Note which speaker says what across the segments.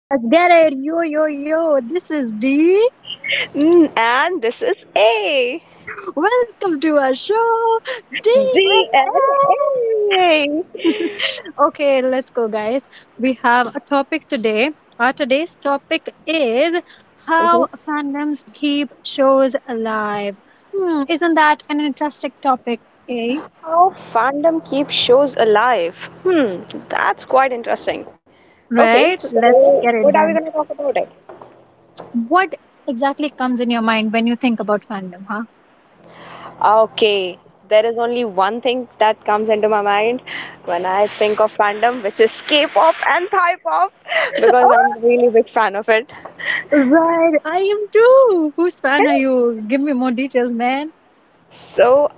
Speaker 1: Let's get it. Yo, yo, yo. This is D.
Speaker 2: And this is A.
Speaker 1: Welcome to our show, D and DNA.
Speaker 2: DNA.
Speaker 1: Okay, let's go, guys. We have a topic today. Our today's topic is
Speaker 2: Mhm.
Speaker 1: how fandoms keep shows alive. Hmm, isn't that an interesting topic, eh?
Speaker 2: How fandom keeps shows alive. Hmm, that's quite interesting. Okay,
Speaker 1: Right? Let's
Speaker 2: so
Speaker 1: get it
Speaker 2: what are we
Speaker 1: then.
Speaker 2: going to talk about it?
Speaker 1: What exactly comes in your mind when you think about fandom, huh?
Speaker 2: Okay, there is only one thing that comes into my mind when I think of fandom, which is K-pop and Thai pop, because I'm a really big fan of it.
Speaker 1: Right, I am too. Whose fan
Speaker 2: Okay.
Speaker 1: are you? Give me more details, man.
Speaker 2: So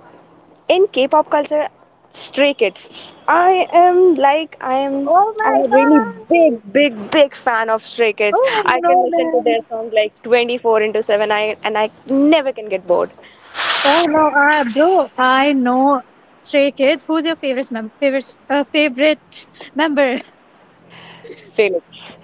Speaker 2: in K-pop culture, Stray Kids. I am like I am
Speaker 1: Oh
Speaker 2: I'm
Speaker 1: my
Speaker 2: a really
Speaker 1: God!
Speaker 2: big, big, big fan of Stray Kids.
Speaker 1: Oh, I
Speaker 2: I can
Speaker 1: know
Speaker 2: listen to their
Speaker 1: them.
Speaker 2: song like 24 into 7 and I never can get bored.
Speaker 1: Oh no, I, bro, I know Stray Kids. Who's your favorite member?
Speaker 2: Felix,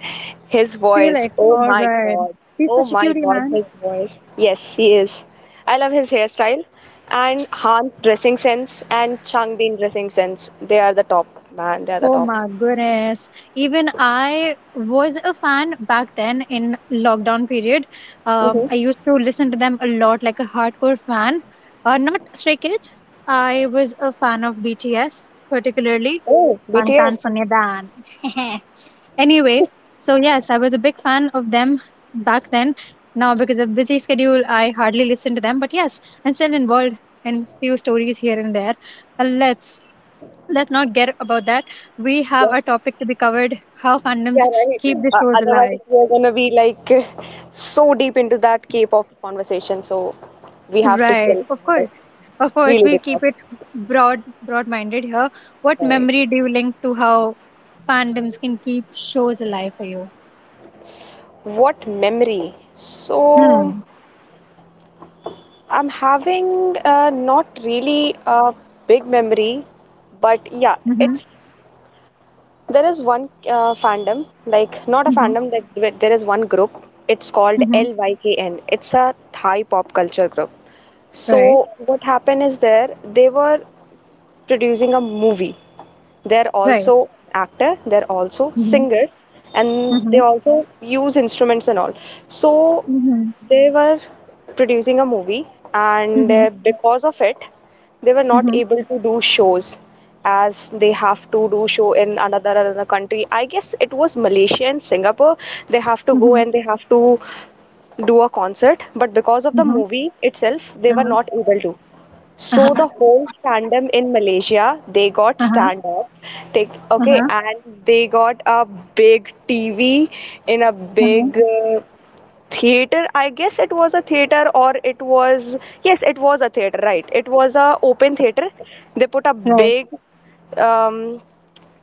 Speaker 2: his voice.
Speaker 1: Felix.
Speaker 2: Oh
Speaker 1: All
Speaker 2: my
Speaker 1: right,
Speaker 2: God.
Speaker 1: he's
Speaker 2: Oh
Speaker 1: such a
Speaker 2: my
Speaker 1: cutie,
Speaker 2: God,
Speaker 1: man.
Speaker 2: his voice. Yes, he is. I love his hairstyle and Han's dressing sense and Changbin dressing sense. They are the top, man. They are the
Speaker 1: Oh
Speaker 2: top.
Speaker 1: my goodness! Even I was a fan back then in lockdown period.
Speaker 2: hmm
Speaker 1: I used to listen to them a lot, like a hardcore fan. Not Stray Kids. I was a fan of BTS, particularly
Speaker 2: Oh, BTS.
Speaker 1: Bangtan Sonyeodan. Anyway, so yes, I was a big fan of them back then. Now, because of busy schedule, I hardly listen to them. But yes, I'm still involved in few stories here and there. Uh, let's let's not get about that. We have
Speaker 2: Yeah.
Speaker 1: a topic to be covered: how
Speaker 2: Yeah,
Speaker 1: fandoms
Speaker 2: right.
Speaker 1: keep the shows
Speaker 2: Otherwise,
Speaker 1: alive.
Speaker 2: we're gonna be like so deep into that K-pop conversation. So we have to
Speaker 1: Right,
Speaker 2: still
Speaker 1: of
Speaker 2: cover
Speaker 1: course,
Speaker 2: the
Speaker 1: of course.
Speaker 2: really
Speaker 1: We
Speaker 2: big
Speaker 1: keep
Speaker 2: topic.
Speaker 1: it broad, broad-minded here. What
Speaker 2: Right.
Speaker 1: memory do you link to how fandoms can keep shows alive for you?
Speaker 2: What memory? So
Speaker 1: Hmm.
Speaker 2: I'm having not really a big memory, but yeah,
Speaker 1: Mm-hmm.
Speaker 2: it's there is one fandom, like not a
Speaker 1: Mm-hmm.
Speaker 2: fandom, that there is one group. It's called
Speaker 1: Mm-hmm.
Speaker 2: LYKN. It's a Thai pop culture group.
Speaker 1: Right.
Speaker 2: So what happened is there they were producing a movie. They're
Speaker 1: Right.
Speaker 2: also actor, they're also
Speaker 1: Mm-hmm.
Speaker 2: singers, and they
Speaker 1: Mhm,
Speaker 2: also use instruments and all. So
Speaker 1: mhm,
Speaker 2: they were producing a movie, and
Speaker 1: mhm,
Speaker 2: because of it, they were not
Speaker 1: mhm,
Speaker 2: able to do shows as they have to do show in another country. I guess it was Malaysia and Singapore. They have to go
Speaker 1: mhm,
Speaker 2: and they have to do a concert, but because of the
Speaker 1: mhm.
Speaker 2: movie itself, they were
Speaker 1: Uh-huh,
Speaker 2: not able to. So the
Speaker 1: uh-huh,
Speaker 2: whole fandom in Malaysia, they got
Speaker 1: uh-huh,
Speaker 2: stand up, take okay,
Speaker 1: uh-huh,
Speaker 2: and they got a big TV in a
Speaker 1: uh-huh.
Speaker 2: big theater. I guess it was a theater, or it was yes, it was a theater, right? It was a open theater. They put a
Speaker 1: Right.
Speaker 2: big um,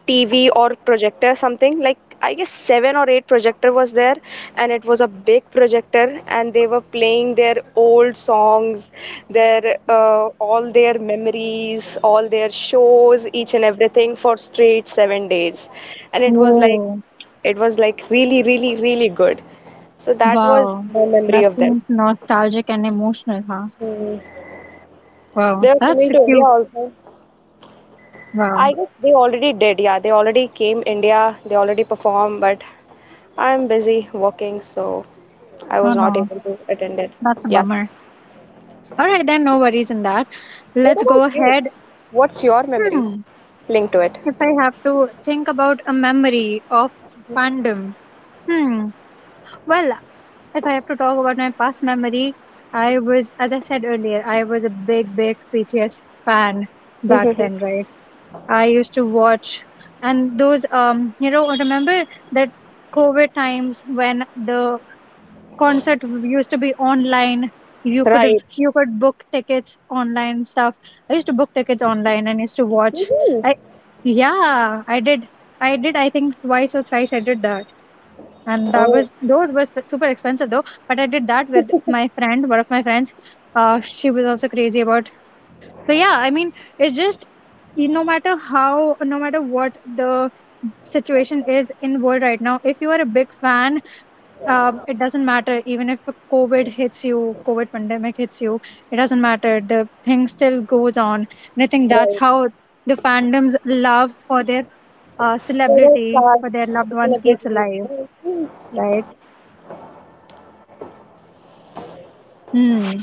Speaker 2: TV or projector, something like I guess seven or eight projector was there, and it was a big projector, and they were playing their old songs, their all their memories, all their shows, each and everything for straight 7 days, and it was like
Speaker 1: Whoa.
Speaker 2: it was like really really really good. So that was
Speaker 1: Wow.
Speaker 2: my memory
Speaker 1: That
Speaker 2: of them.
Speaker 1: seems nostalgic and emotional, huh?
Speaker 2: Hmm. They
Speaker 1: Wow.
Speaker 2: were
Speaker 1: That's
Speaker 2: coming to India
Speaker 1: cute.
Speaker 2: also.
Speaker 1: Wow.
Speaker 2: I guess they already did, yeah. They already came India, they already performed, but I'm busy working, so I
Speaker 1: Oh
Speaker 2: was not
Speaker 1: no.
Speaker 2: able to attend it.
Speaker 1: That's a
Speaker 2: Yeah.
Speaker 1: bummer. All right, then no worries in that.
Speaker 2: What
Speaker 1: Let's go
Speaker 2: about you?
Speaker 1: ahead.
Speaker 2: What's your memory
Speaker 1: Hmm.
Speaker 2: linked to it?
Speaker 1: If I have to think about a memory of fandom. Hmm. Well, if I have to talk about my past memory, I was, as I said earlier, I was a big, big BTS fan back
Speaker 2: hmm
Speaker 1: then, right? I used to watch, and those, remember that COVID times when the concert used to be online. You could have,
Speaker 2: Right.
Speaker 1: you could book tickets online stuff. I used to book tickets online and used to watch.
Speaker 2: hmm
Speaker 1: I, yeah, I did. I did. I think twice or thrice I did that, and that
Speaker 2: Oh,
Speaker 1: was those were super expensive, though. But I did that with my friend, one of my friends. She was also crazy about. So yeah, I mean, it's just no matter what the situation is in world right now, if you are a big fan, it doesn't matter. Even if COVID pandemic hits you, it doesn't matter. The thing still goes on, and I think
Speaker 2: right.
Speaker 1: that's how the fandom's love for their
Speaker 2: So the
Speaker 1: celebrity, for
Speaker 2: stars,
Speaker 1: their loved ones, keeps
Speaker 2: celebrities.
Speaker 1: alive,
Speaker 2: Mhm.
Speaker 1: right. Hmm.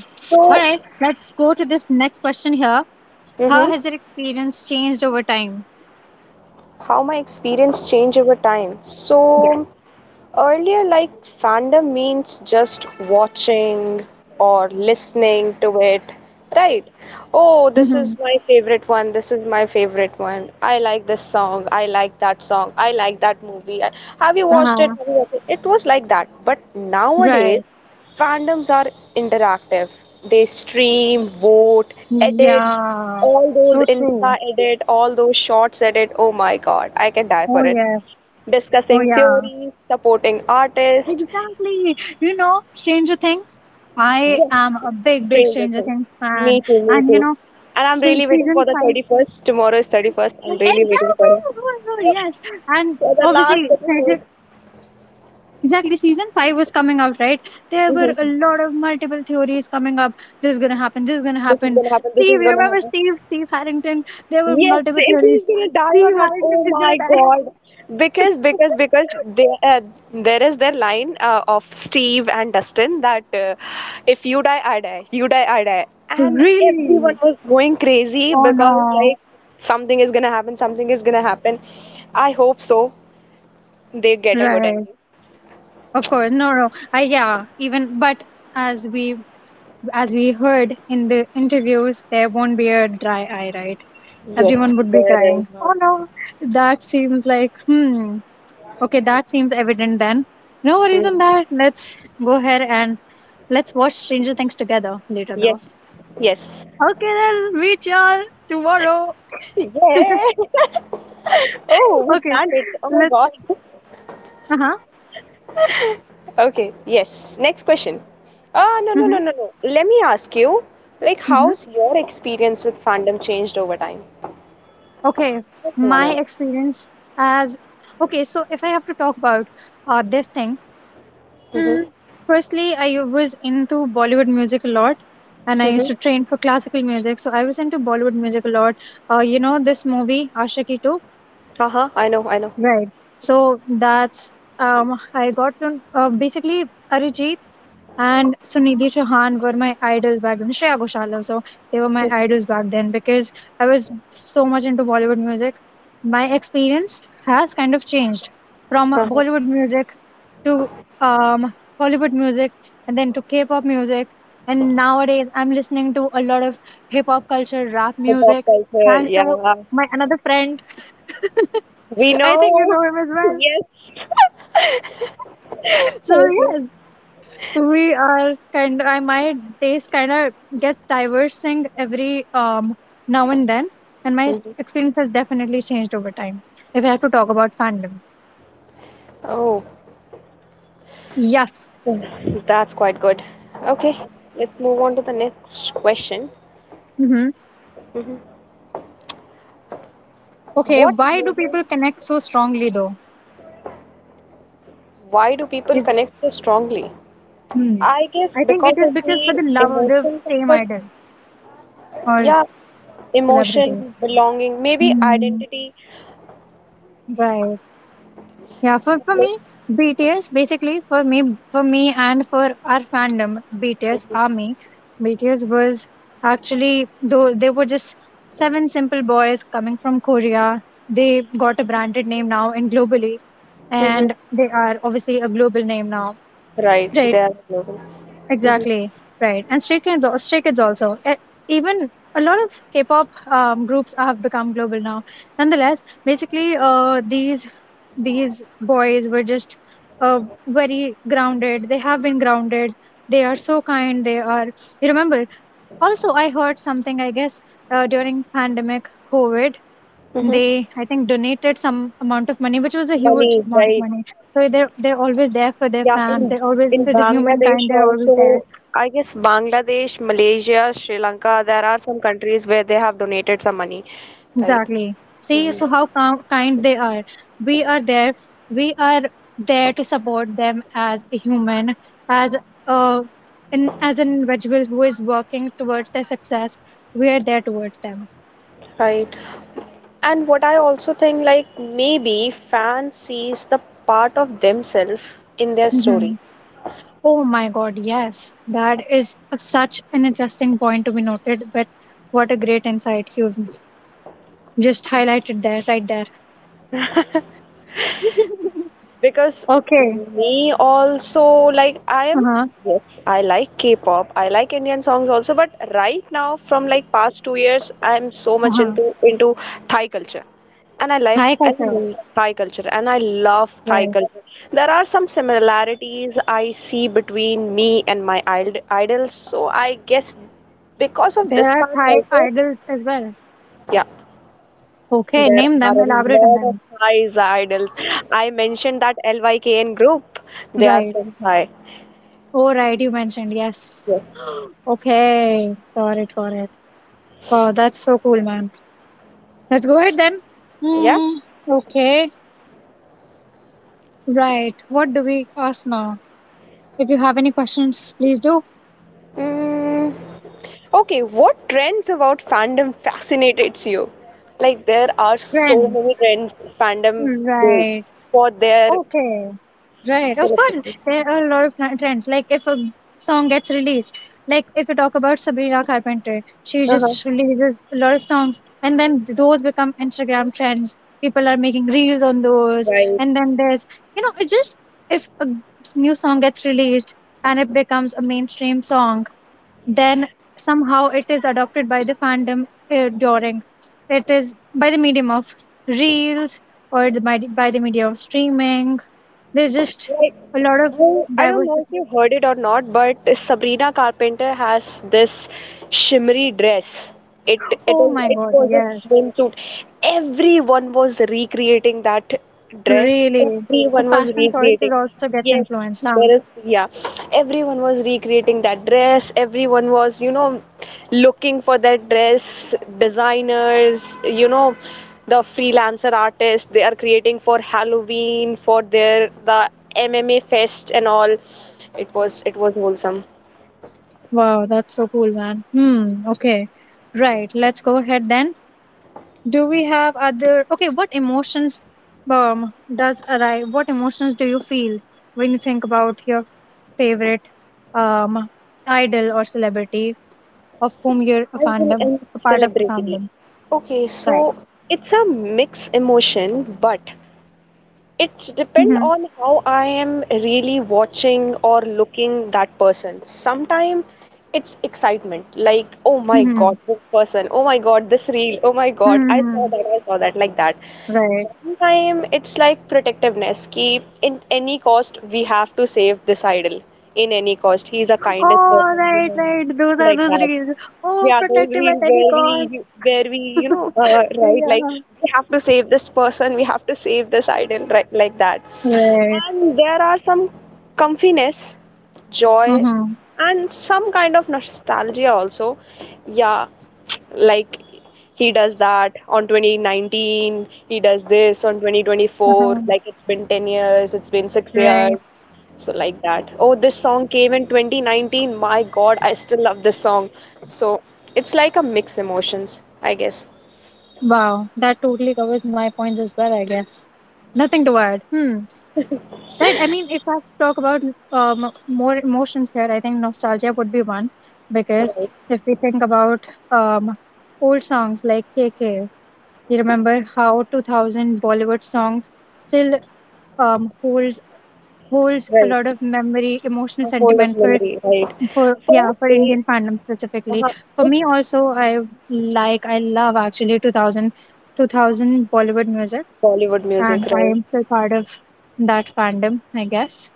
Speaker 1: All
Speaker 2: So
Speaker 1: right, let's go to this next question here. How
Speaker 2: hmm
Speaker 1: has your experience changed over time?
Speaker 2: how my experience changed over time.
Speaker 1: Yeah.
Speaker 2: So earlier, like fandom means just watching or listening to it, right? Oh, this
Speaker 1: Mhm.
Speaker 2: is my favorite one. This is my favorite one. I like this song. I like that song. I like that movie. Have you watched it?
Speaker 1: Uh-huh.
Speaker 2: Have you watched it? It was like that. But nowadays,
Speaker 1: Right.
Speaker 2: fandoms are interactive. They stream, vote, edit,
Speaker 1: Yeah.
Speaker 2: all those
Speaker 1: So
Speaker 2: Insta
Speaker 1: true.
Speaker 2: edit, all those shorts edit. Oh my God, I can die for
Speaker 1: Oh,
Speaker 2: it,
Speaker 1: yes. Oh,
Speaker 2: discussing
Speaker 1: yeah.
Speaker 2: theories, supporting artists.
Speaker 1: Exactly. You know, Stranger Things. I am
Speaker 2: Yes,
Speaker 1: a big, big
Speaker 2: staying with
Speaker 1: Stranger
Speaker 2: him.
Speaker 1: Things fan.
Speaker 2: Me too, me
Speaker 1: And, you
Speaker 2: too.
Speaker 1: know,
Speaker 2: And I'm
Speaker 1: since
Speaker 2: really waiting
Speaker 1: season
Speaker 2: for the
Speaker 1: five.
Speaker 2: 31st. Tomorrow is 31st. I'm
Speaker 1: Exactly.
Speaker 2: really waiting for him.
Speaker 1: Good, good, yes. And
Speaker 2: For the last
Speaker 1: obviously, Stranger.
Speaker 2: episode.
Speaker 1: Exactly, season five was coming out, right? There were a
Speaker 2: Mhm.
Speaker 1: lot of multiple theories coming up. This is gonna happen. This is gonna
Speaker 2: This is
Speaker 1: happen.
Speaker 2: gonna happen. This
Speaker 1: Steve,
Speaker 2: is
Speaker 1: you
Speaker 2: gonna
Speaker 1: remember
Speaker 2: happen.
Speaker 1: Steve? Steve Harrington. There were
Speaker 2: Yes,
Speaker 1: multiple
Speaker 2: if
Speaker 1: theories.
Speaker 2: he's gonna die or
Speaker 1: Steve
Speaker 2: not.
Speaker 1: Harrington
Speaker 2: Oh
Speaker 1: is gonna
Speaker 2: my
Speaker 1: die.
Speaker 2: God! Because because because there there is their line of Steve and Dustin that if you die, I die. You die, I die. And
Speaker 1: Really?
Speaker 2: everyone was going crazy
Speaker 1: Oh
Speaker 2: because
Speaker 1: no.
Speaker 2: like something is gonna happen. Something is gonna happen. I hope so. They get a good
Speaker 1: Right.
Speaker 2: ending.
Speaker 1: Of course. No, no. I Yeah, even but as we as we heard in the interviews, there won't be a dry eye, right? Everyone
Speaker 2: Yes,
Speaker 1: would be
Speaker 2: there
Speaker 1: crying.
Speaker 2: is
Speaker 1: Oh
Speaker 2: not.
Speaker 1: no. That seems like, hmm. Okay, that seems evident then. No worries
Speaker 2: Mm.
Speaker 1: on that. Let's go ahead and let's watch Stranger Things together later
Speaker 2: Yes,
Speaker 1: though.
Speaker 2: yes.
Speaker 1: Okay, then meet y'all tomorrow.
Speaker 2: Yeah. Oh, we
Speaker 1: Okay,
Speaker 2: planned it. Oh my God.
Speaker 1: let's. Uh huh.
Speaker 2: Okay, yes. Next question. Ah, no, no,
Speaker 1: Mm-hmm,
Speaker 2: no, no, no. Let me ask you, like,
Speaker 1: mm-hmm.
Speaker 2: how's your experience with fandom changed over time?
Speaker 1: Okay,
Speaker 2: That's one,
Speaker 1: my
Speaker 2: and
Speaker 1: experience as. Okay, so if I have to talk about this thing, mm,
Speaker 2: Mm-hmm.
Speaker 1: firstly, I was into Bollywood music a lot, and I used
Speaker 2: Mm-hmm.
Speaker 1: to train for classical music. So I was into Bollywood music a lot. You know, this movie, Ashiki 2.
Speaker 2: Uh-huh. I know, I know.
Speaker 1: Right. So that's I got to basically Arijit and Sunidhi Chauhan were my idols back then. Shreya Ghoshal also, they were my
Speaker 2: Mm-hmm.
Speaker 1: idols back then because I was so much into Bollywood music. My experience has kind of changed from
Speaker 2: Uh-huh.
Speaker 1: Bollywood music to um Hollywood music, and then to K-pop music, and nowadays I'm listening to a lot of hip hop culture, rap
Speaker 2: The pop
Speaker 1: music.
Speaker 2: culture,
Speaker 1: Thanks to
Speaker 2: yeah.
Speaker 1: my another friend.
Speaker 2: We
Speaker 1: I think you
Speaker 2: know.
Speaker 1: know him as well.
Speaker 2: Yes.
Speaker 1: So
Speaker 2: Okay.
Speaker 1: yes, we are kind. Of. I My taste kind of gets diversing every now and then, and my
Speaker 2: Mm-hmm.
Speaker 1: experience has definitely changed over time. If I have to talk about fandom,
Speaker 2: Oh,
Speaker 1: yes.
Speaker 2: that's quite good. Okay, let's move on to the next question.
Speaker 1: Hmm.
Speaker 2: hmm
Speaker 1: Okay,
Speaker 2: What
Speaker 1: why do
Speaker 2: movie,
Speaker 1: people connect so strongly though?
Speaker 2: why do people
Speaker 1: It,
Speaker 2: connect so strongly?
Speaker 1: hmm.
Speaker 2: I guess
Speaker 1: I think it
Speaker 2: because
Speaker 1: is
Speaker 2: of
Speaker 1: because for
Speaker 2: the
Speaker 1: the love of the
Speaker 2: emotion
Speaker 1: same
Speaker 2: comfort,
Speaker 1: idol or
Speaker 2: yeah,
Speaker 1: celebrity.
Speaker 2: emotion, belonging, maybe
Speaker 1: Hmm.
Speaker 2: identity,
Speaker 1: Right. Yeah, for
Speaker 2: like,
Speaker 1: me, BTS, basically for me and for our fandom, BTS Army, BTS was actually though they were just seven simple boys coming from Korea. They got a branded name now and globally,
Speaker 2: hmm
Speaker 1: and they are obviously a global name now,
Speaker 2: right,
Speaker 1: right?
Speaker 2: they are global. hmm
Speaker 1: Exactly, right. And Stray Kids also. Even a lot of K-pop groups have become global now. Nonetheless, basically, these boys were just uh, very grounded. They have been grounded. They are so kind. They are. You remember? Also, I heard something. I guess during pandemic COVID,
Speaker 2: hmm
Speaker 1: they, I think, donated some amount of money, which was a huge
Speaker 2: Money,
Speaker 1: amount of
Speaker 2: right.
Speaker 1: money. So they're always there for their
Speaker 2: Yeah,
Speaker 1: fans.
Speaker 2: in,
Speaker 1: They're always
Speaker 2: in
Speaker 1: for the
Speaker 2: Bangladesh
Speaker 1: humankind. They're always there.
Speaker 2: also, I guess Bangladesh, Malaysia, Sri Lanka, there are some countries where they have donated some money, right?
Speaker 1: Exactly. See,
Speaker 2: Mhm.
Speaker 1: so how kind they are. We are there. We are there to support them as a human, as a as an individual who is working towards their success. We are there towards them.
Speaker 2: Right. And what I also think, like, maybe fans sees the part of themselves in their
Speaker 1: Hmm.
Speaker 2: story.
Speaker 1: Oh my God! Yes, that is such an interesting point to be noted. But what a great insight you've just highlighted there, right there.
Speaker 2: Because
Speaker 1: Okay.
Speaker 2: me also, like I
Speaker 1: Uh
Speaker 2: am,
Speaker 1: huh.
Speaker 2: yes, I like K-pop. I like Indian songs also, but right now from like past 2 years I'm so
Speaker 1: Uh
Speaker 2: much
Speaker 1: huh.
Speaker 2: into Thai culture. And I like
Speaker 1: Thai
Speaker 2: and I
Speaker 1: culture.
Speaker 2: love Thai culture and I love Thai
Speaker 1: Right.
Speaker 2: culture. There are some similarities I see between me and my idols, so I guess because of
Speaker 1: There
Speaker 2: this
Speaker 1: are
Speaker 2: part
Speaker 1: Thai
Speaker 2: also,
Speaker 1: idols as well.
Speaker 2: yeah.
Speaker 1: Okay,
Speaker 2: There
Speaker 1: name
Speaker 2: are
Speaker 1: them,
Speaker 2: a
Speaker 1: elaborate on
Speaker 2: lot of
Speaker 1: them.
Speaker 2: Thai's idols. I mentioned that LYKN group. They are
Speaker 1: Right.
Speaker 2: from Thai.
Speaker 1: Oh, right, you mentioned, yes.
Speaker 2: Yes.
Speaker 1: Okay, got it, got it. Wow, that's so cool, man. Let's go ahead then.
Speaker 2: Yeah.
Speaker 1: Hmm, okay, right. What do we ask now? If you have any questions, please do.
Speaker 2: Mm. Okay. What trends about fandom fascinates you? Like there are so
Speaker 1: Friend,
Speaker 2: many trends fandom do
Speaker 1: right.
Speaker 2: for their
Speaker 1: Okay, right. Of course,
Speaker 2: celebrities.
Speaker 1: there are a lot of trends. Like if a song gets released, like if you talk about Sabrina Carpenter, she
Speaker 2: Uh-huh.
Speaker 1: just releases a lot of songs, and then those become Instagram trends. People are making reels on those,
Speaker 2: Right.
Speaker 1: and then there's, you know, it's just if a new song gets released and it becomes a mainstream song, then somehow it is adopted by the fandom during it is by the medium of reels, or by the medium of streaming. There's just
Speaker 2: Like,
Speaker 1: a lot of
Speaker 2: well, I don't know if
Speaker 1: diversity.
Speaker 2: you heard it or not, but Sabrina Carpenter has this shimmery dress. It it
Speaker 1: Oh
Speaker 2: is
Speaker 1: my
Speaker 2: it
Speaker 1: God,
Speaker 2: was a
Speaker 1: yes,
Speaker 2: swimsuit. Everyone was recreating that dress.
Speaker 1: really. So
Speaker 2: Everyone was
Speaker 1: fashion choices
Speaker 2: recreating.
Speaker 1: also gets
Speaker 2: Yes,
Speaker 1: influenced, huh?
Speaker 2: there is yeah. Everyone was recreating that dress. Everyone was, looking for their dress designers, the freelancer artists, they are creating for halloween for their the mma fest and all. It was wholesome.
Speaker 1: Wow, that's so cool, man. Hmm, okay. Right, let's go ahead then. Do we have other, okay, what emotions does arrive, what emotions do you feel when you think about your favorite um, idol or celebrity of whom you're a
Speaker 2: I will
Speaker 1: fandom,
Speaker 2: end
Speaker 1: a part of a
Speaker 2: celebrity,
Speaker 1: fandom?
Speaker 2: okay, so
Speaker 1: Right.
Speaker 2: it's a mixed emotion, but it's depend
Speaker 1: Mm-hmm.
Speaker 2: on how I am really watching or looking that person. Sometimes it's excitement like oh my
Speaker 1: Mm-hmm.
Speaker 2: god this person, oh my god this reel, oh my god i saw
Speaker 1: Mm-hmm.
Speaker 2: that i saw that like that.
Speaker 1: Right.
Speaker 2: Sometimes it's like protectiveness ki in any cost we have to save this idol, in any cost he's a kindest
Speaker 1: Oh,
Speaker 2: person, you
Speaker 1: right,
Speaker 2: know,
Speaker 1: right. Those are
Speaker 2: like
Speaker 1: those
Speaker 2: that.
Speaker 1: reels. Oh,
Speaker 2: Yeah, those
Speaker 1: protective
Speaker 2: reels
Speaker 1: at any
Speaker 2: where
Speaker 1: cost.
Speaker 2: we, right like,
Speaker 1: Yeah.
Speaker 2: we have to save this person, we have to save this idol, right like that.
Speaker 1: Right.
Speaker 2: And there are some comfiness, joy,
Speaker 1: Mm-hmm.
Speaker 2: and some kind of nostalgia also. Yeah, like he does that on 2019, he does this on 2024,
Speaker 1: Mm-hmm.
Speaker 2: like it's been 10 years, it's been 6
Speaker 1: Right.
Speaker 2: years, so like that, oh this song came in 2019, my god I still love this song. So it's like a mix emotions I guess.
Speaker 1: Wow. That totally covers my points as well, I guess. Nothing to add. Hmm. Right. I mean, if I talk about more emotions here, I think nostalgia would be one, because
Speaker 2: Right.
Speaker 1: if we think about old songs like KK, you remember how 2000 Bollywood songs still hold holds a
Speaker 2: Right,
Speaker 1: lot of memory, emotional
Speaker 2: a hold of
Speaker 1: sentiment
Speaker 2: memory, right,
Speaker 1: for
Speaker 2: for
Speaker 1: yeah,
Speaker 2: that
Speaker 1: for
Speaker 2: day,
Speaker 1: Indian fandom specifically.
Speaker 2: uh
Speaker 1: For me
Speaker 2: it's
Speaker 1: also, I love actually two thousand Bollywood music,
Speaker 2: bollywood
Speaker 1: and
Speaker 2: music
Speaker 1: I
Speaker 2: right,
Speaker 1: am still part of that fandom, I guess.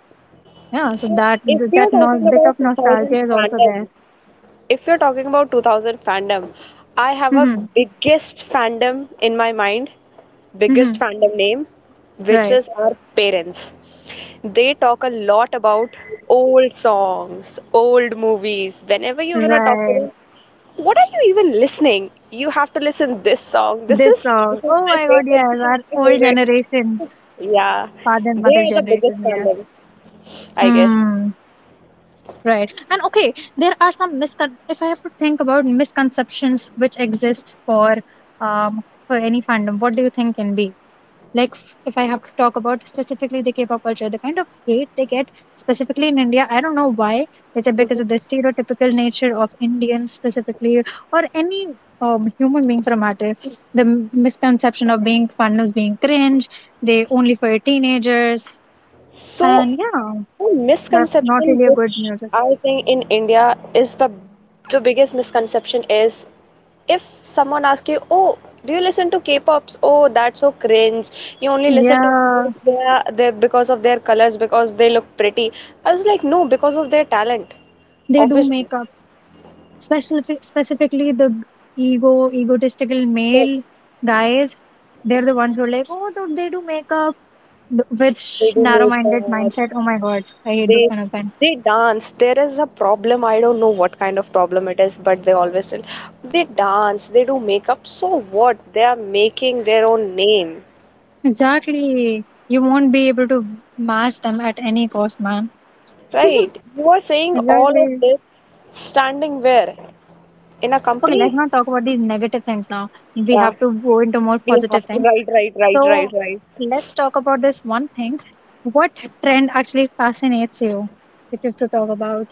Speaker 1: Yeah, so
Speaker 2: so
Speaker 1: that
Speaker 2: if you're
Speaker 1: that no,
Speaker 2: talking
Speaker 1: bit
Speaker 2: about
Speaker 1: of
Speaker 2: 2000
Speaker 1: nostalgia is also
Speaker 2: fandom,
Speaker 1: there.
Speaker 2: if you're talking about 2000 fandom, I have a
Speaker 1: Hmm.
Speaker 2: biggest fandom in my mind, biggest
Speaker 1: Hmm.
Speaker 2: fandom name, which
Speaker 1: Right,
Speaker 2: is our parents. They talk a lot about old songs, old movies. Whenever you're gonna talk to
Speaker 1: right.
Speaker 2: them, what are you even listening? You have to listen this song. This
Speaker 1: This
Speaker 2: is this
Speaker 1: song.
Speaker 2: is
Speaker 1: Oh
Speaker 2: my
Speaker 1: my God,
Speaker 2: favorite.
Speaker 1: yes,
Speaker 2: This is
Speaker 1: our
Speaker 2: my
Speaker 1: old
Speaker 2: favorite.
Speaker 1: generation,
Speaker 2: Yeah,
Speaker 1: father
Speaker 2: they
Speaker 1: and mother
Speaker 2: are the
Speaker 1: generation,
Speaker 2: biggest
Speaker 1: yes.
Speaker 2: fandom, I guess.
Speaker 1: Hmm. Right. And okay, there are some miscon if I have to think about misconceptions which exist for any fandom, what do you think can be? Like if I have to talk about specifically the K-pop culture, the kind of hate they get specifically in India, I don't know why. Is it because
Speaker 2: Mhm.
Speaker 1: of the stereotypical nature of Indians specifically or any human being for a matter? The misconception of being fandoms being cringe, they only for teenagers.
Speaker 2: So
Speaker 1: And yeah,
Speaker 2: one
Speaker 1: that's not
Speaker 2: misconception
Speaker 1: really a good
Speaker 2: which
Speaker 1: music.
Speaker 2: I think in India is, the biggest misconception is, if someone asks you, "Oh, do you listen to K-pops? Oh, that's so cringe. You only listen to
Speaker 1: Yeah.
Speaker 2: because they are they because of their colors, because they look pretty." I was like, "No, because of their talent,
Speaker 1: They do
Speaker 2: obviously."
Speaker 1: specifically the egotistical
Speaker 2: Yes,
Speaker 1: male guys. They're the ones who are like, oh dude, they do makeup th- with
Speaker 2: they
Speaker 1: sh-
Speaker 2: do
Speaker 1: narrow-minded
Speaker 2: makeup.
Speaker 1: mindset. Oh my God, I hate those
Speaker 2: they
Speaker 1: kind of men.
Speaker 2: they dance, there is a problem, I don't know what kind of problem it is, but they always tell, they dance, they do makeup, so what, they are making their own name,
Speaker 1: Exactly. You won't be able to match them at any cost, man.
Speaker 2: right? You are saying all of
Speaker 1: Exactly.
Speaker 2: this standing where, in a
Speaker 1: Okay,
Speaker 2: company.
Speaker 1: let's not talk about these negative things now. We
Speaker 2: Yeah,
Speaker 1: have to go into more
Speaker 2: we
Speaker 1: positive
Speaker 2: have to.
Speaker 1: things.
Speaker 2: Right, right, right,
Speaker 1: So
Speaker 2: right, right.
Speaker 1: let's talk about this one thing. What trend actually fascinates you, if you have to talk about?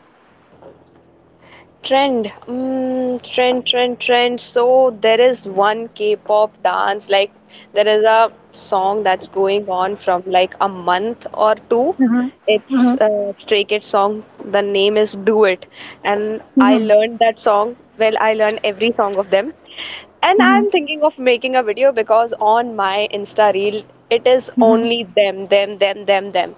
Speaker 2: Trend, trend, trend, trend. So there is one K-pop dance, like there is a song that's going on from like a month or two.
Speaker 1: Mhm,
Speaker 2: It's
Speaker 1: mhm,
Speaker 2: a Stray Kids song. The name is Do It, and I
Speaker 1: mhm,
Speaker 2: learned that song. Well, I learned every song of them, and
Speaker 1: mhm,
Speaker 2: I'm thinking of making a video because on my Insta reel, it is
Speaker 1: mhm.
Speaker 2: only them, them, them, them, them.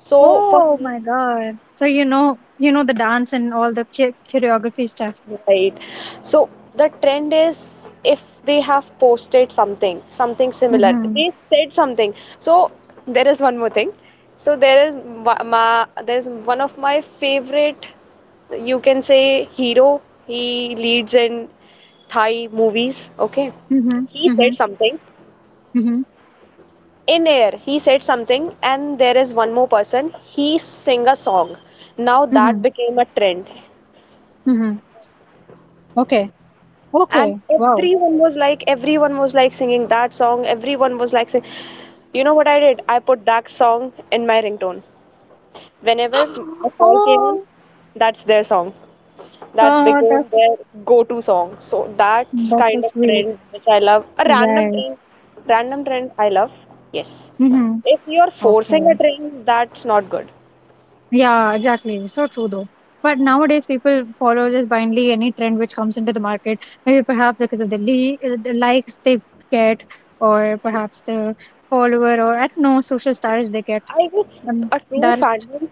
Speaker 2: So for
Speaker 1: Oh
Speaker 2: me.
Speaker 1: my God. So you know the dance and all the choreography stuff.
Speaker 2: Right. So the trend is if they have posted something, something similar,
Speaker 1: Mhm,
Speaker 2: they said something. So there is one more thing. So there is one of my favorite, you can say hero. He leads in Thai movies. Okay.
Speaker 1: mhm,
Speaker 2: He said
Speaker 1: mhm,
Speaker 2: something
Speaker 1: mhm,
Speaker 2: in air. He said something, and there is one more person. He sing a song. Now that
Speaker 1: mhm,
Speaker 2: became a trend.
Speaker 1: mhm. Okay,
Speaker 2: And
Speaker 1: okay. Wow.
Speaker 2: everyone was like, singing that song. Everyone was like sing- You know what I did? I put that song in my ringtone. Whenever a call came in,
Speaker 1: Oh,
Speaker 2: that's their song. That's
Speaker 1: oh,
Speaker 2: became
Speaker 1: that's
Speaker 2: their go-to song. So that's
Speaker 1: that's so
Speaker 2: kind of
Speaker 1: sweet.
Speaker 2: trend which I love. A random
Speaker 1: Right.
Speaker 2: trend, random trend I love. Yes,
Speaker 1: Mhm.
Speaker 2: if you're forcing a
Speaker 1: Okay.
Speaker 2: trend, that's not good.
Speaker 1: Yeah, exactly. So true though. But nowadays, people follow just blindly any trend which comes into the market. Maybe perhaps because of the likes they get, or perhaps the follower, or I don't know, social stars they get.
Speaker 2: I guess
Speaker 1: And
Speaker 2: a true
Speaker 1: that,
Speaker 2: fandom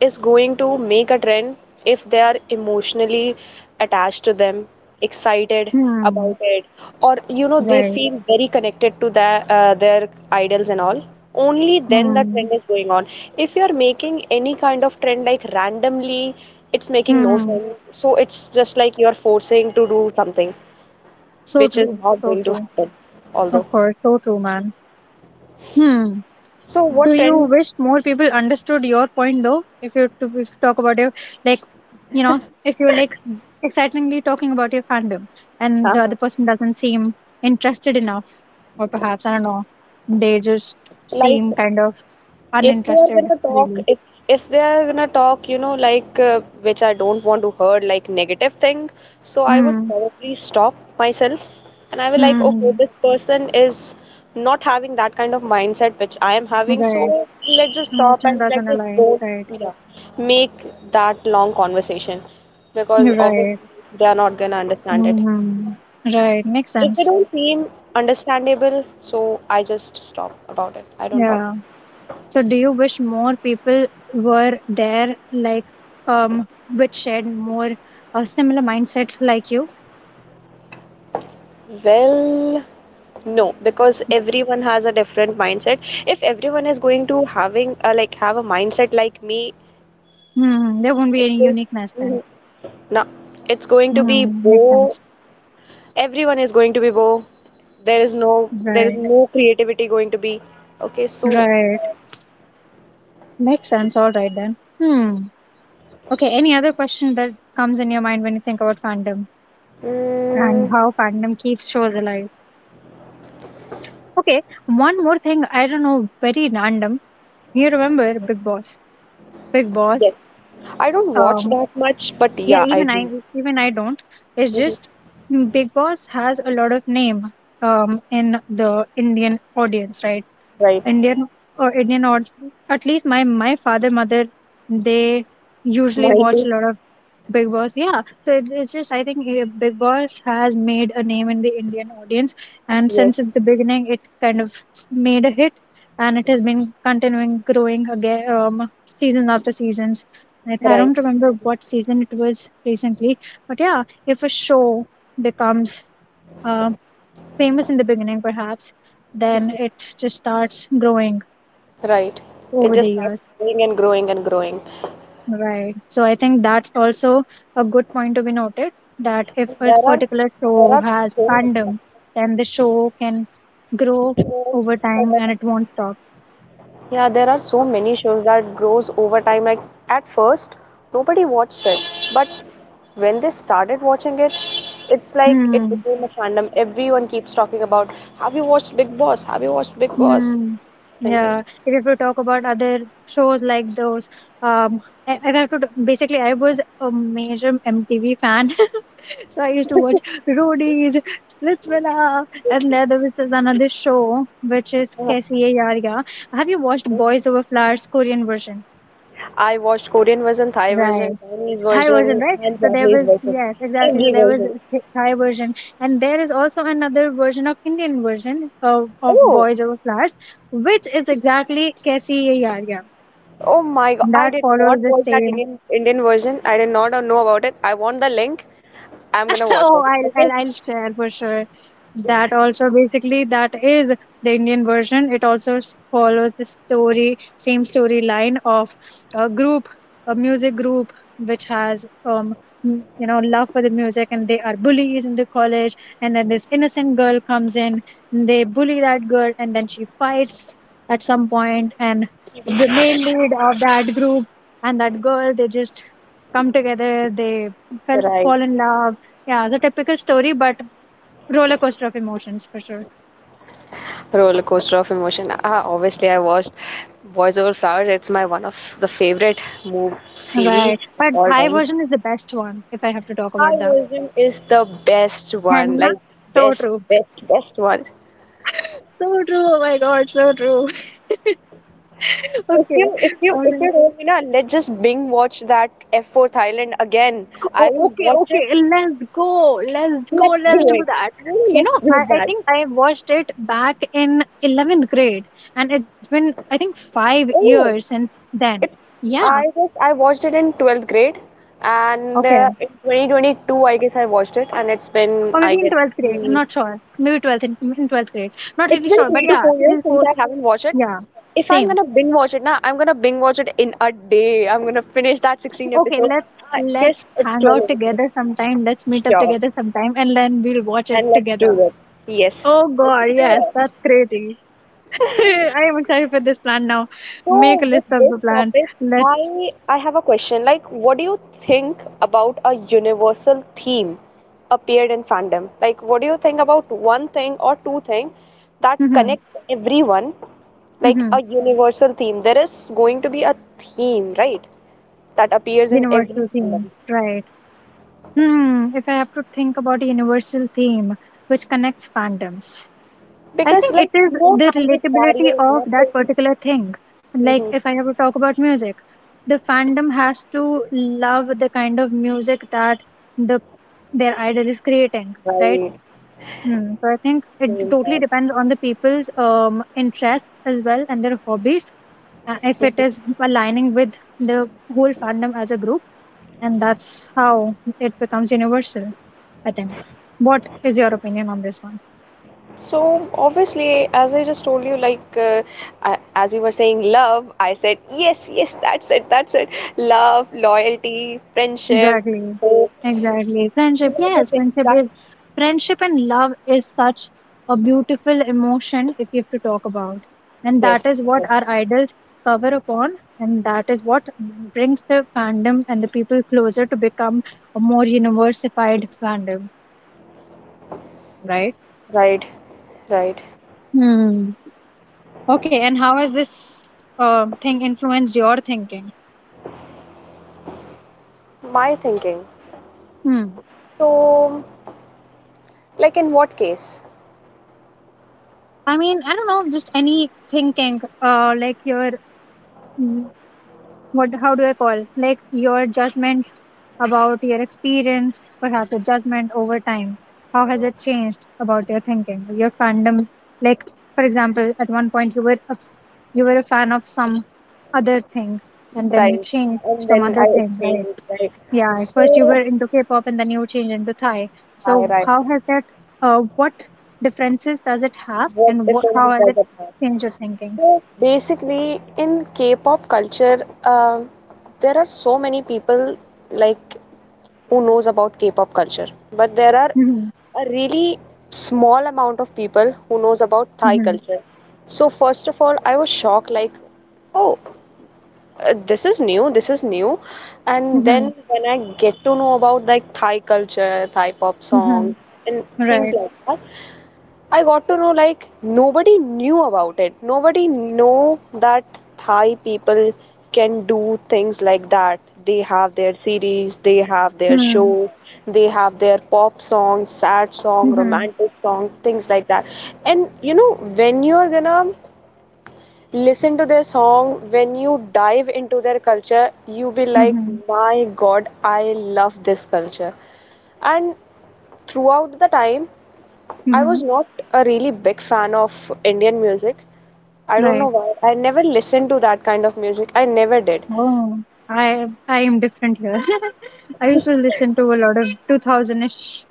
Speaker 2: is going to make a trend if they are emotionally attached to them, excited
Speaker 1: hmm,
Speaker 2: about it, or they
Speaker 1: right.
Speaker 2: feel very connected to their idols and all. Only then the
Speaker 1: Hmm,
Speaker 2: trend is going on. If you are making any kind of trend like randomly, it's making no
Speaker 1: hmm.
Speaker 2: sense. So it's just like you are forcing to do something
Speaker 1: So
Speaker 2: which is
Speaker 1: true.
Speaker 2: not
Speaker 1: So
Speaker 2: going to
Speaker 1: true.
Speaker 2: happen. Although,
Speaker 1: Of course. So true, man. Hmm.
Speaker 2: so
Speaker 1: Do
Speaker 2: what
Speaker 1: you
Speaker 2: trend?
Speaker 1: wish more people understood your point though? If you talk about your like, you know, if you're like excitingly talking about your fandom and the other person doesn't seem interested enough, or perhaps I don't know, they just
Speaker 2: Like,
Speaker 1: seem kind of
Speaker 2: if they are
Speaker 1: uninterested
Speaker 2: gonna talk,
Speaker 1: really.
Speaker 2: if they are gonna talk, like which I don't want to hear, like negative thing, so I would
Speaker 1: Hmm.
Speaker 2: probably stop myself, and I will like, okay,
Speaker 1: Hmm.
Speaker 2: this person is not having that kind of mindset which I am having,
Speaker 1: Right.
Speaker 2: so let's just stop
Speaker 1: Emotion
Speaker 2: and let's
Speaker 1: doesn't
Speaker 2: just
Speaker 1: align.
Speaker 2: don't,
Speaker 1: Right.
Speaker 2: you know, make that long conversation because
Speaker 1: Right.
Speaker 2: obviously they are not gonna understand it.
Speaker 1: Hmm. Right. Makes
Speaker 2: If they
Speaker 1: sense.
Speaker 2: don't seem understandable, so I just stop about it. I don't talk.
Speaker 1: Yeah. So, do you wish more people were there, like, which shared more similar mindset like you?
Speaker 2: Well, no, because everyone has a different mindset. If everyone is going to having like have a mindset like me,
Speaker 1: Hmm, there won't be
Speaker 2: it's
Speaker 1: any
Speaker 2: going,
Speaker 1: uniqueness
Speaker 2: mhm,
Speaker 1: then.
Speaker 2: no, it's going to be
Speaker 1: Hmm, makes
Speaker 2: bo.
Speaker 1: sense.
Speaker 2: Everyone is going to be bo. There is no there is
Speaker 1: Right,
Speaker 2: no creativity going to be. Okay, so
Speaker 1: right. Makes sense. All right then. Hmm. Okay. Any other question that comes in your mind when you think about fandom and
Speaker 2: mm,
Speaker 1: how fandom keeps shows alive? Okay, one more thing, I don't know, very random. You remember Big Boss? Big
Speaker 2: yes,
Speaker 1: Boss.
Speaker 2: I don't watch
Speaker 1: Um,
Speaker 2: that much, but
Speaker 1: Yeah,
Speaker 2: yeah, I
Speaker 1: even I
Speaker 2: do.
Speaker 1: even I don't. It's
Speaker 2: Mhm.
Speaker 1: just mm, Big Boss has a lot of name in the Indian audience, right?
Speaker 2: Right,
Speaker 1: Indian or Indian or at least my father mother, they usually
Speaker 2: mine
Speaker 1: watch
Speaker 2: too.
Speaker 1: a lot of Big Boss, yeah. So it's just, I think Big Boss has made a name in the Indian audience. And
Speaker 2: Yes,
Speaker 1: since the beginning, it kind of made a hit, and it has been continuing growing again, season after seasons. I
Speaker 2: right,
Speaker 1: don't remember what season it was recently, but yeah, if a show becomes uh, famous in the beginning, perhaps, then
Speaker 2: mhm,
Speaker 1: it just starts growing
Speaker 2: right. It
Speaker 1: over the
Speaker 2: just starts
Speaker 1: years.
Speaker 2: growing and growing and growing.
Speaker 1: Right. So I think that's also a good point to be noted, that if a
Speaker 2: There are
Speaker 1: particular
Speaker 2: there
Speaker 1: show
Speaker 2: are
Speaker 1: has
Speaker 2: so many
Speaker 1: fandom, then the show can grow
Speaker 2: shows.
Speaker 1: over time and it won't stop.
Speaker 2: Yeah, there are so many shows that grows over time. Like at first, nobody watched it, but when they started watching it, it's like it
Speaker 1: Hmm.
Speaker 2: became a fandom. Everyone keeps talking about, "Have you watched Big Boss? Have you watched Big Boss?"
Speaker 1: Hmm.
Speaker 2: Thing like.
Speaker 1: Yeah. If you talk about other shows like those, I have to basically, I was a major MTV fan. So I used to watch Roadies, Let's Villa, and there was this another show which is
Speaker 2: That.
Speaker 1: Kaisi Hai Yaariya. Have you watched Boys Over Flowers Korean version?
Speaker 2: I watched Korean version, Thai
Speaker 1: Right.
Speaker 2: version, Chinese
Speaker 1: Thai version,
Speaker 2: version,
Speaker 1: right?
Speaker 2: and
Speaker 1: So there
Speaker 2: Japanese
Speaker 1: was,
Speaker 2: version.
Speaker 1: yes, exactly. So
Speaker 2: Every
Speaker 1: there was
Speaker 2: version.
Speaker 1: a Thai version, and there is also another version of Indian version of
Speaker 2: Oh,
Speaker 1: Boys Over Flowers, which is exactly Kaisi Hai Yaariya.
Speaker 2: oh my God, I
Speaker 1: That
Speaker 2: did
Speaker 1: follows
Speaker 2: not
Speaker 1: the
Speaker 2: watch that
Speaker 1: same.
Speaker 2: Indian version. I did not know about it. I want the link. I'm gonna watch
Speaker 1: Oh,
Speaker 2: it.
Speaker 1: I'll,
Speaker 2: Okay.
Speaker 1: I'll I'll share for sure. That also basically, that is the Indian version. It also follows the story, same storyline of a group, a music group which has you know love for the music, and they are bullies in the college, and then this innocent girl comes in and they bully that girl, and then she fights at some point, and the main lead of that group and that girl, they just come together, they
Speaker 2: Right.
Speaker 1: fall in love. Yeah, it's a typical story, but roller coaster of emotions for sure.
Speaker 2: Roller coaster of emotion. Ah, obviously I watched Boys Over Flowers. It's my one of the favorite movie series
Speaker 1: Right.
Speaker 2: of
Speaker 1: But
Speaker 2: all
Speaker 1: Thai
Speaker 2: time.
Speaker 1: version is the best one, if I have to talk about that.
Speaker 2: Our version is the best one.
Speaker 1: And
Speaker 2: Like
Speaker 1: so
Speaker 2: best,
Speaker 1: true.
Speaker 2: best, best one.
Speaker 1: So true. Oh my God, so true.
Speaker 2: If
Speaker 1: Okay.
Speaker 2: you if
Speaker 1: All
Speaker 2: you if
Speaker 1: right.
Speaker 2: you don't, let's just Bing watch that F4 Thailand again. I
Speaker 1: Oh,
Speaker 2: will
Speaker 1: okay,
Speaker 2: watch it.
Speaker 1: okay. Let's go. Let's go.
Speaker 2: Let's
Speaker 1: Let's
Speaker 2: do
Speaker 1: do
Speaker 2: it.
Speaker 1: that.
Speaker 2: Oh,
Speaker 1: You know,
Speaker 2: let's do
Speaker 1: I
Speaker 2: that.
Speaker 1: think I watched it back in 11th grade, and it's been, I think, 5 years
Speaker 2: Oh,
Speaker 1: since then.
Speaker 2: It,
Speaker 1: Yeah.
Speaker 2: I guess I watched it in 12th grade, and
Speaker 1: Okay.
Speaker 2: in 2022, I guess I watched it, and it's been,
Speaker 1: Or
Speaker 2: I
Speaker 1: maybe in
Speaker 2: guess,
Speaker 1: 12th grade. I'm
Speaker 2: the,
Speaker 1: not sure. Maybe 12th in 12th grade, not
Speaker 2: it's
Speaker 1: really
Speaker 2: been
Speaker 1: sure, but
Speaker 2: three to
Speaker 1: yeah,
Speaker 2: four years
Speaker 1: three,
Speaker 2: since
Speaker 1: four.
Speaker 2: I haven't watched it.
Speaker 1: Yeah,
Speaker 2: If I'm
Speaker 1: same.
Speaker 2: gonna binge watch it now, I'm gonna binge watch it in a day. I'm gonna finish that 16
Speaker 1: Okay,
Speaker 2: episode. I guess
Speaker 1: let's
Speaker 2: it's
Speaker 1: hang
Speaker 2: 12
Speaker 1: out
Speaker 2: episodes.
Speaker 1: together sometime. Let's meet up
Speaker 2: Sure.
Speaker 1: together sometime, and then we'll watch it
Speaker 2: And let's do
Speaker 1: together.
Speaker 2: that. Yes.
Speaker 1: Oh
Speaker 2: Let's
Speaker 1: God,
Speaker 2: just do
Speaker 1: yes,
Speaker 2: it.
Speaker 1: that's crazy. I am excited for this plan now. Make
Speaker 2: So
Speaker 1: a
Speaker 2: with
Speaker 1: list of the
Speaker 2: this
Speaker 1: plan.
Speaker 2: topic,
Speaker 1: Let's.
Speaker 2: I have a question. Like, what do you think about a universal theme appeared in fandom? Like, what do you think about one thing or two thing that
Speaker 1: Hmm,
Speaker 2: connects everyone? Like
Speaker 1: hmm.
Speaker 2: a universal theme. There is going to be a theme, right? That appears in every
Speaker 1: Universal
Speaker 2: fandom.
Speaker 1: theme, right? Hmm. If I have to think about a universal theme which connects fandoms, I
Speaker 2: Because
Speaker 1: think it
Speaker 2: like
Speaker 1: is
Speaker 2: no
Speaker 1: the
Speaker 2: language
Speaker 1: relatability
Speaker 2: barrier,
Speaker 1: of that
Speaker 2: nothing.
Speaker 1: particular thing. Like,
Speaker 2: Hmm.
Speaker 1: if I have to talk about music, the fandom has to love the kind of music that the their idol is creating, right?
Speaker 2: Right.
Speaker 1: Hmm. So I think it
Speaker 2: Same
Speaker 1: totally
Speaker 2: thought.
Speaker 1: depends on the people's interests as well and their hobbies. If it is aligning with the whole fandom as a group, and that's how it becomes universal, I think. What is your opinion on this one?
Speaker 2: So obviously, as I just told you, like I- as you were saying, love, I said yes, yes, that's it, that's it. Love, loyalty, friendship,
Speaker 1: Exactly.
Speaker 2: hopes.
Speaker 1: Exactly, friendship.
Speaker 2: These are the
Speaker 1: Yes,
Speaker 2: things
Speaker 1: friendship
Speaker 2: that
Speaker 1: is friendship, and love is such a beautiful emotion if you have to talk about. And
Speaker 2: yes,
Speaker 1: that is what
Speaker 2: yes,
Speaker 1: our idols cover upon, and that is what brings the fandom and the people closer to become a more universified fandom, right?
Speaker 2: right, right.
Speaker 1: Hmm. Okay, and how has this thing influenced your thinking?
Speaker 2: My thinking.
Speaker 1: Hmm.
Speaker 2: So, like in what case,
Speaker 1: I mean, I don't know, just any thinking, like your what how do I call like your judgment about your experience, perhaps your judgment over time. How has it changed about your thinking, your fandom? Like for example, at one point you were a fan of some other thing, and then you
Speaker 2: right?
Speaker 1: changed
Speaker 2: And
Speaker 1: some
Speaker 2: then I
Speaker 1: other thing, right?
Speaker 2: exchange, right?
Speaker 1: Yeah, at first you
Speaker 2: So,
Speaker 1: were into K-pop, and then you changed into Thai.
Speaker 2: I
Speaker 1: So
Speaker 2: right.
Speaker 1: how has that? What differences does it have,
Speaker 2: What
Speaker 1: and what how
Speaker 2: difference
Speaker 1: has it
Speaker 2: does it make?
Speaker 1: changed your thinking?
Speaker 2: So basically, in K-pop culture, there are so many people like who knows about K-pop culture, but there are
Speaker 1: Hmm,
Speaker 2: a really small amount of people who knows about Thai
Speaker 1: hmm,
Speaker 2: culture. So first of all, I was shocked like, oh, this is new. And
Speaker 1: hmm,
Speaker 2: then when I get to know about like Thai culture, Thai pop songs
Speaker 1: hmm.
Speaker 2: and things
Speaker 1: Right.
Speaker 2: like that, I got to know like nobody knew about it. Nobody know that Thai people can do things like that. They have their series, they have their
Speaker 1: Hmm.
Speaker 2: show, they have their pop song, sad song,
Speaker 1: Mhm,
Speaker 2: romantic song, things like that. And you know, when you are gonna listen to their song, when you dive into their culture, you be like,
Speaker 1: mhm,
Speaker 2: my God, I love this culture. And throughout the time, I
Speaker 1: mhm.
Speaker 2: was not a really big fan of Indian music. I don't know
Speaker 1: Right.
Speaker 2: why. I never listened to that kind of music. I never did.
Speaker 1: Oh, I am different here. I used to listen to a lot of 2000ish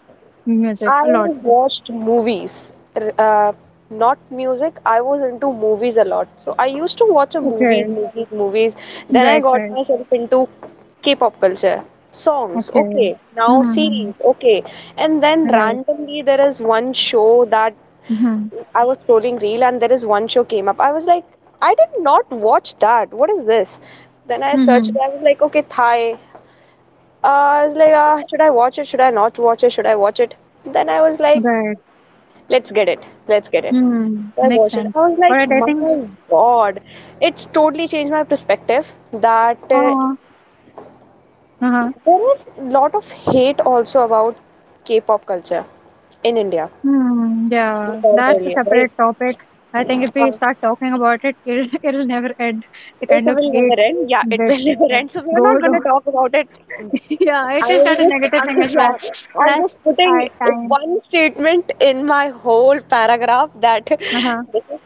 Speaker 1: music,
Speaker 2: I
Speaker 1: a lot.
Speaker 2: watched movies, not music. I was into movies a lot. So I used to watch a movies,
Speaker 1: Okay.
Speaker 2: movies, movies. Then I
Speaker 1: Right,
Speaker 2: got
Speaker 1: right.
Speaker 2: myself into K-pop culture. Songs,
Speaker 1: Okay.
Speaker 2: okay. Now
Speaker 1: Mm-hmm.
Speaker 2: series, okay. And then
Speaker 1: Right.
Speaker 2: randomly there is one show that
Speaker 1: Mm-hmm.
Speaker 2: I was scrolling reel and there is one show came up. I was like, I did not watch that. What is this? Then I searched.
Speaker 1: Mm-hmm.
Speaker 2: I was like, okay, Thai. I was like, should I watch it? Should I not watch it? Should I watch it? Then I was like,
Speaker 1: Right.
Speaker 2: let's get it. Let's get it.
Speaker 1: Mm.
Speaker 2: I
Speaker 1: Makes
Speaker 2: watched it.
Speaker 1: sense.
Speaker 2: I was
Speaker 1: All
Speaker 2: like,
Speaker 1: right, I
Speaker 2: my
Speaker 1: think.
Speaker 2: God, it's totally changed my perspective that there is
Speaker 1: Oh, uh-huh.
Speaker 2: a lot of hate also about K-pop culture in India.
Speaker 1: Mm,
Speaker 2: We
Speaker 1: yeah,
Speaker 2: talked
Speaker 1: that's a
Speaker 2: earlier, right?
Speaker 1: separate topic. I think if we
Speaker 2: Uh,
Speaker 1: start talking about it, it'll never end. The
Speaker 2: it
Speaker 1: kind of
Speaker 2: will
Speaker 1: hate
Speaker 2: never end. Yeah, it
Speaker 1: that
Speaker 2: will never
Speaker 1: eh,
Speaker 2: end. So we're not
Speaker 1: goes
Speaker 2: going to talk about it.
Speaker 1: yeah, it
Speaker 2: I
Speaker 1: is not
Speaker 2: was
Speaker 1: a
Speaker 2: just,
Speaker 1: negative
Speaker 2: I'm
Speaker 1: thing
Speaker 2: just,
Speaker 1: as well.
Speaker 2: yeah, I'm
Speaker 1: Plus,
Speaker 2: just putting
Speaker 1: our time.
Speaker 2: one statement in my whole paragraph that
Speaker 1: Uh huh.
Speaker 2: this is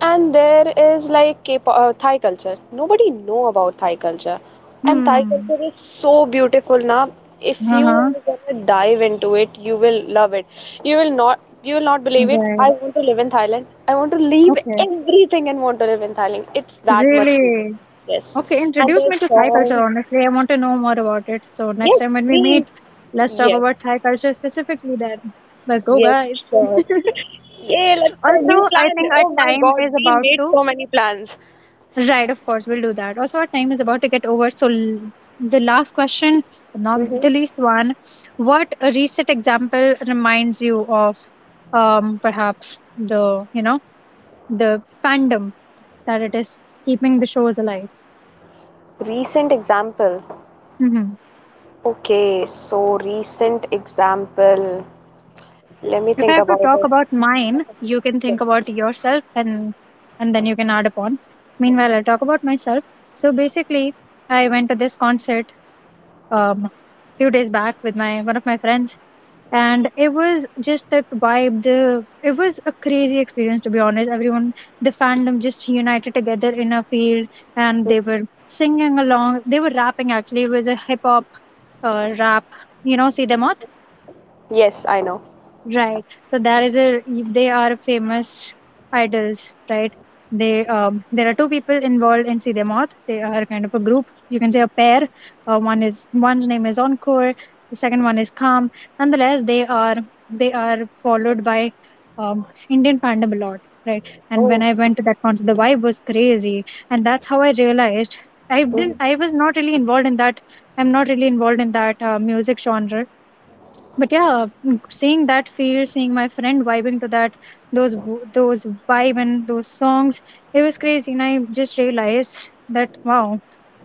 Speaker 2: and there is like K-pop, Thai culture. Nobody know about Thai culture, and Thai
Speaker 1: Hmm.
Speaker 2: culture is so beautiful. Now, if
Speaker 1: Uh
Speaker 2: you
Speaker 1: huh.
Speaker 2: are gonna dive into it, you will love it. You will not believe it.
Speaker 1: Right.
Speaker 2: I want to live in Thailand. I want to leave
Speaker 1: Okay.
Speaker 2: everything and want to live in Thailand. It's that much beautiful.
Speaker 1: Really.
Speaker 2: Yes,
Speaker 1: Okay.
Speaker 2: and
Speaker 1: Introduce
Speaker 2: their
Speaker 1: me to Thai culture.
Speaker 2: songs.
Speaker 1: Honestly, I want to know more about it. So next
Speaker 2: Yes,
Speaker 1: time when we
Speaker 2: please.
Speaker 1: meet, let's talk
Speaker 2: Yes,
Speaker 1: about Thai culture specifically. Then let's go,
Speaker 2: yes,
Speaker 1: guys.
Speaker 2: sure. Yeah, let's go. New
Speaker 1: Also, I
Speaker 2: plan.
Speaker 1: think our
Speaker 2: Oh my
Speaker 1: time
Speaker 2: God,
Speaker 1: is
Speaker 2: we
Speaker 1: about
Speaker 2: made
Speaker 1: to.
Speaker 2: so many plans.
Speaker 1: Right, of course, we'll do that. Also, our time is about to get over. So, the last question, not
Speaker 2: Hmm.
Speaker 1: the least one, what a recent example reminds you of perhaps the, you know, the fandom that it is keeping the shows alive?
Speaker 2: Recent example.
Speaker 1: Hmm.
Speaker 2: Okay, so recent example. Let me
Speaker 1: If I
Speaker 2: think
Speaker 1: have to
Speaker 2: about
Speaker 1: talk
Speaker 2: it.
Speaker 1: about mine, you can
Speaker 2: Yes,
Speaker 1: think about yourself, and then you can add upon. Meanwhile, I'll talk about myself. So basically, I went to this concert um, few days back with my one of my friends, and it was just that vibe. The it was a crazy experience, to be honest. Everyone, the fandom just united together in a field, and
Speaker 2: mm.
Speaker 1: they were singing along, they were rapping. Actually it was a hip hop rap, you know, See Them all.
Speaker 2: Yes, I know.
Speaker 1: Right. So there is a, they are famous idols, right? They there are two people involved in See Them Off. They are kind of a group. You can say a pair. One's name is Encore. The second one is Calm. Nonetheless, they are followed by Indian fandom a lot, right? And when
Speaker 2: Oh.
Speaker 1: I went to that concert, the vibe was crazy, and that's how I realized I
Speaker 2: Mhm.
Speaker 1: didn't, I was not really involved in that. I'm not really involved in that music genre, but yeah mm, seeing that field, seeing my friend vibing to that, those vibe and those songs, it was crazy, and I just realized that wow,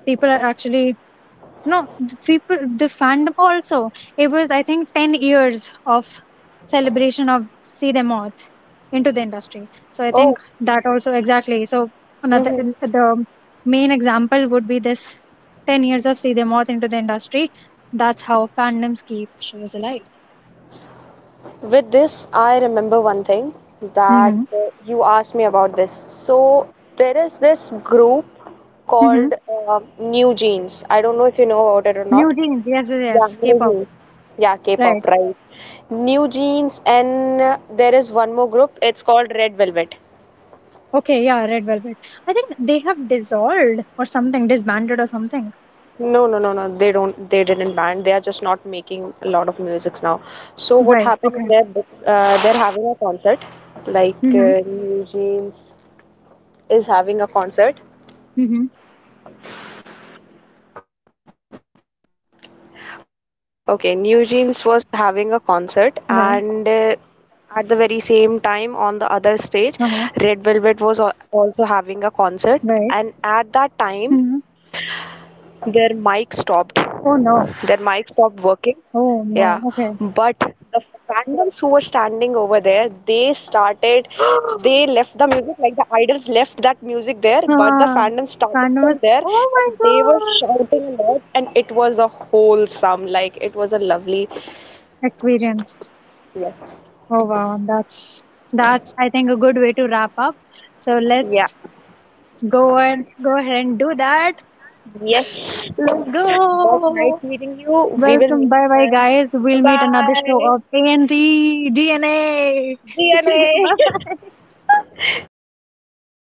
Speaker 1: people are actually no the people, the fandom also, it was I think 10 years of celebration of See Them all into the industry, so I think
Speaker 2: Oh.
Speaker 1: that also exactly, so another,
Speaker 2: Hmm.
Speaker 1: the main example would be this 10 years of See Them all into the industry. That's how fandoms keep shows alive.
Speaker 2: With this, I remember one thing that
Speaker 1: Mm-hmm.
Speaker 2: you asked me about this. So there is this group
Speaker 1: Mm-hmm.
Speaker 2: called New Jeans. I don't know if you know about it or not.
Speaker 1: New Jeans, yes, yes,
Speaker 2: Yeah,
Speaker 1: yes,
Speaker 2: New
Speaker 1: K-pop,
Speaker 2: Jeans. Yeah,
Speaker 1: right?
Speaker 2: K-pop, right? New Jeans, and there is one more group. It's called Red Velvet.
Speaker 1: Okay, yeah, Red Velvet. I think they have dissolved or something, disbanded or something.
Speaker 2: No, no, no, no. They don't. They didn't ban. They are just not making a lot of musics now. So what
Speaker 1: Right.
Speaker 2: happened?
Speaker 1: Okay.
Speaker 2: They're having a concert. Like
Speaker 1: Mm-hmm.
Speaker 2: New Jeans is having a concert.
Speaker 1: Mm-hmm.
Speaker 2: Okay, New Jeans was having a concert, and
Speaker 1: Right.
Speaker 2: at the very same time on the other stage, Red
Speaker 1: Uh-huh.
Speaker 2: Velvet was also having a concert.
Speaker 1: Right.
Speaker 2: And at that time,
Speaker 1: Mm-hmm.
Speaker 2: their mic stopped.
Speaker 1: Oh no.
Speaker 2: their mic stopped working.
Speaker 1: Oh
Speaker 2: Yeah,
Speaker 1: no. Okay.
Speaker 2: but the fandoms who were standing over there, they started, they left the music, like the idols left that music there,
Speaker 1: Ah,
Speaker 2: but the fandom started
Speaker 1: Canvas.
Speaker 2: from
Speaker 1: Oh
Speaker 2: there
Speaker 1: my
Speaker 2: and they
Speaker 1: God.
Speaker 2: were shouting a lot, and it was a wholesome, like it was a lovely,
Speaker 1: Experience.
Speaker 2: yes,
Speaker 1: Oh wow. That's I think a good way to wrap up. So
Speaker 2: yeah,
Speaker 1: let's go and go ahead and do that.
Speaker 2: yes.
Speaker 1: Let's
Speaker 2: But nice
Speaker 1: go.
Speaker 2: meeting you, we will
Speaker 1: Welcome.
Speaker 2: meet
Speaker 1: Bye bye,
Speaker 2: and
Speaker 1: guys.
Speaker 2: bye
Speaker 1: We'll meet another show
Speaker 2: bye,
Speaker 1: of A AND DNA.
Speaker 2: DNA.
Speaker 1: Bye.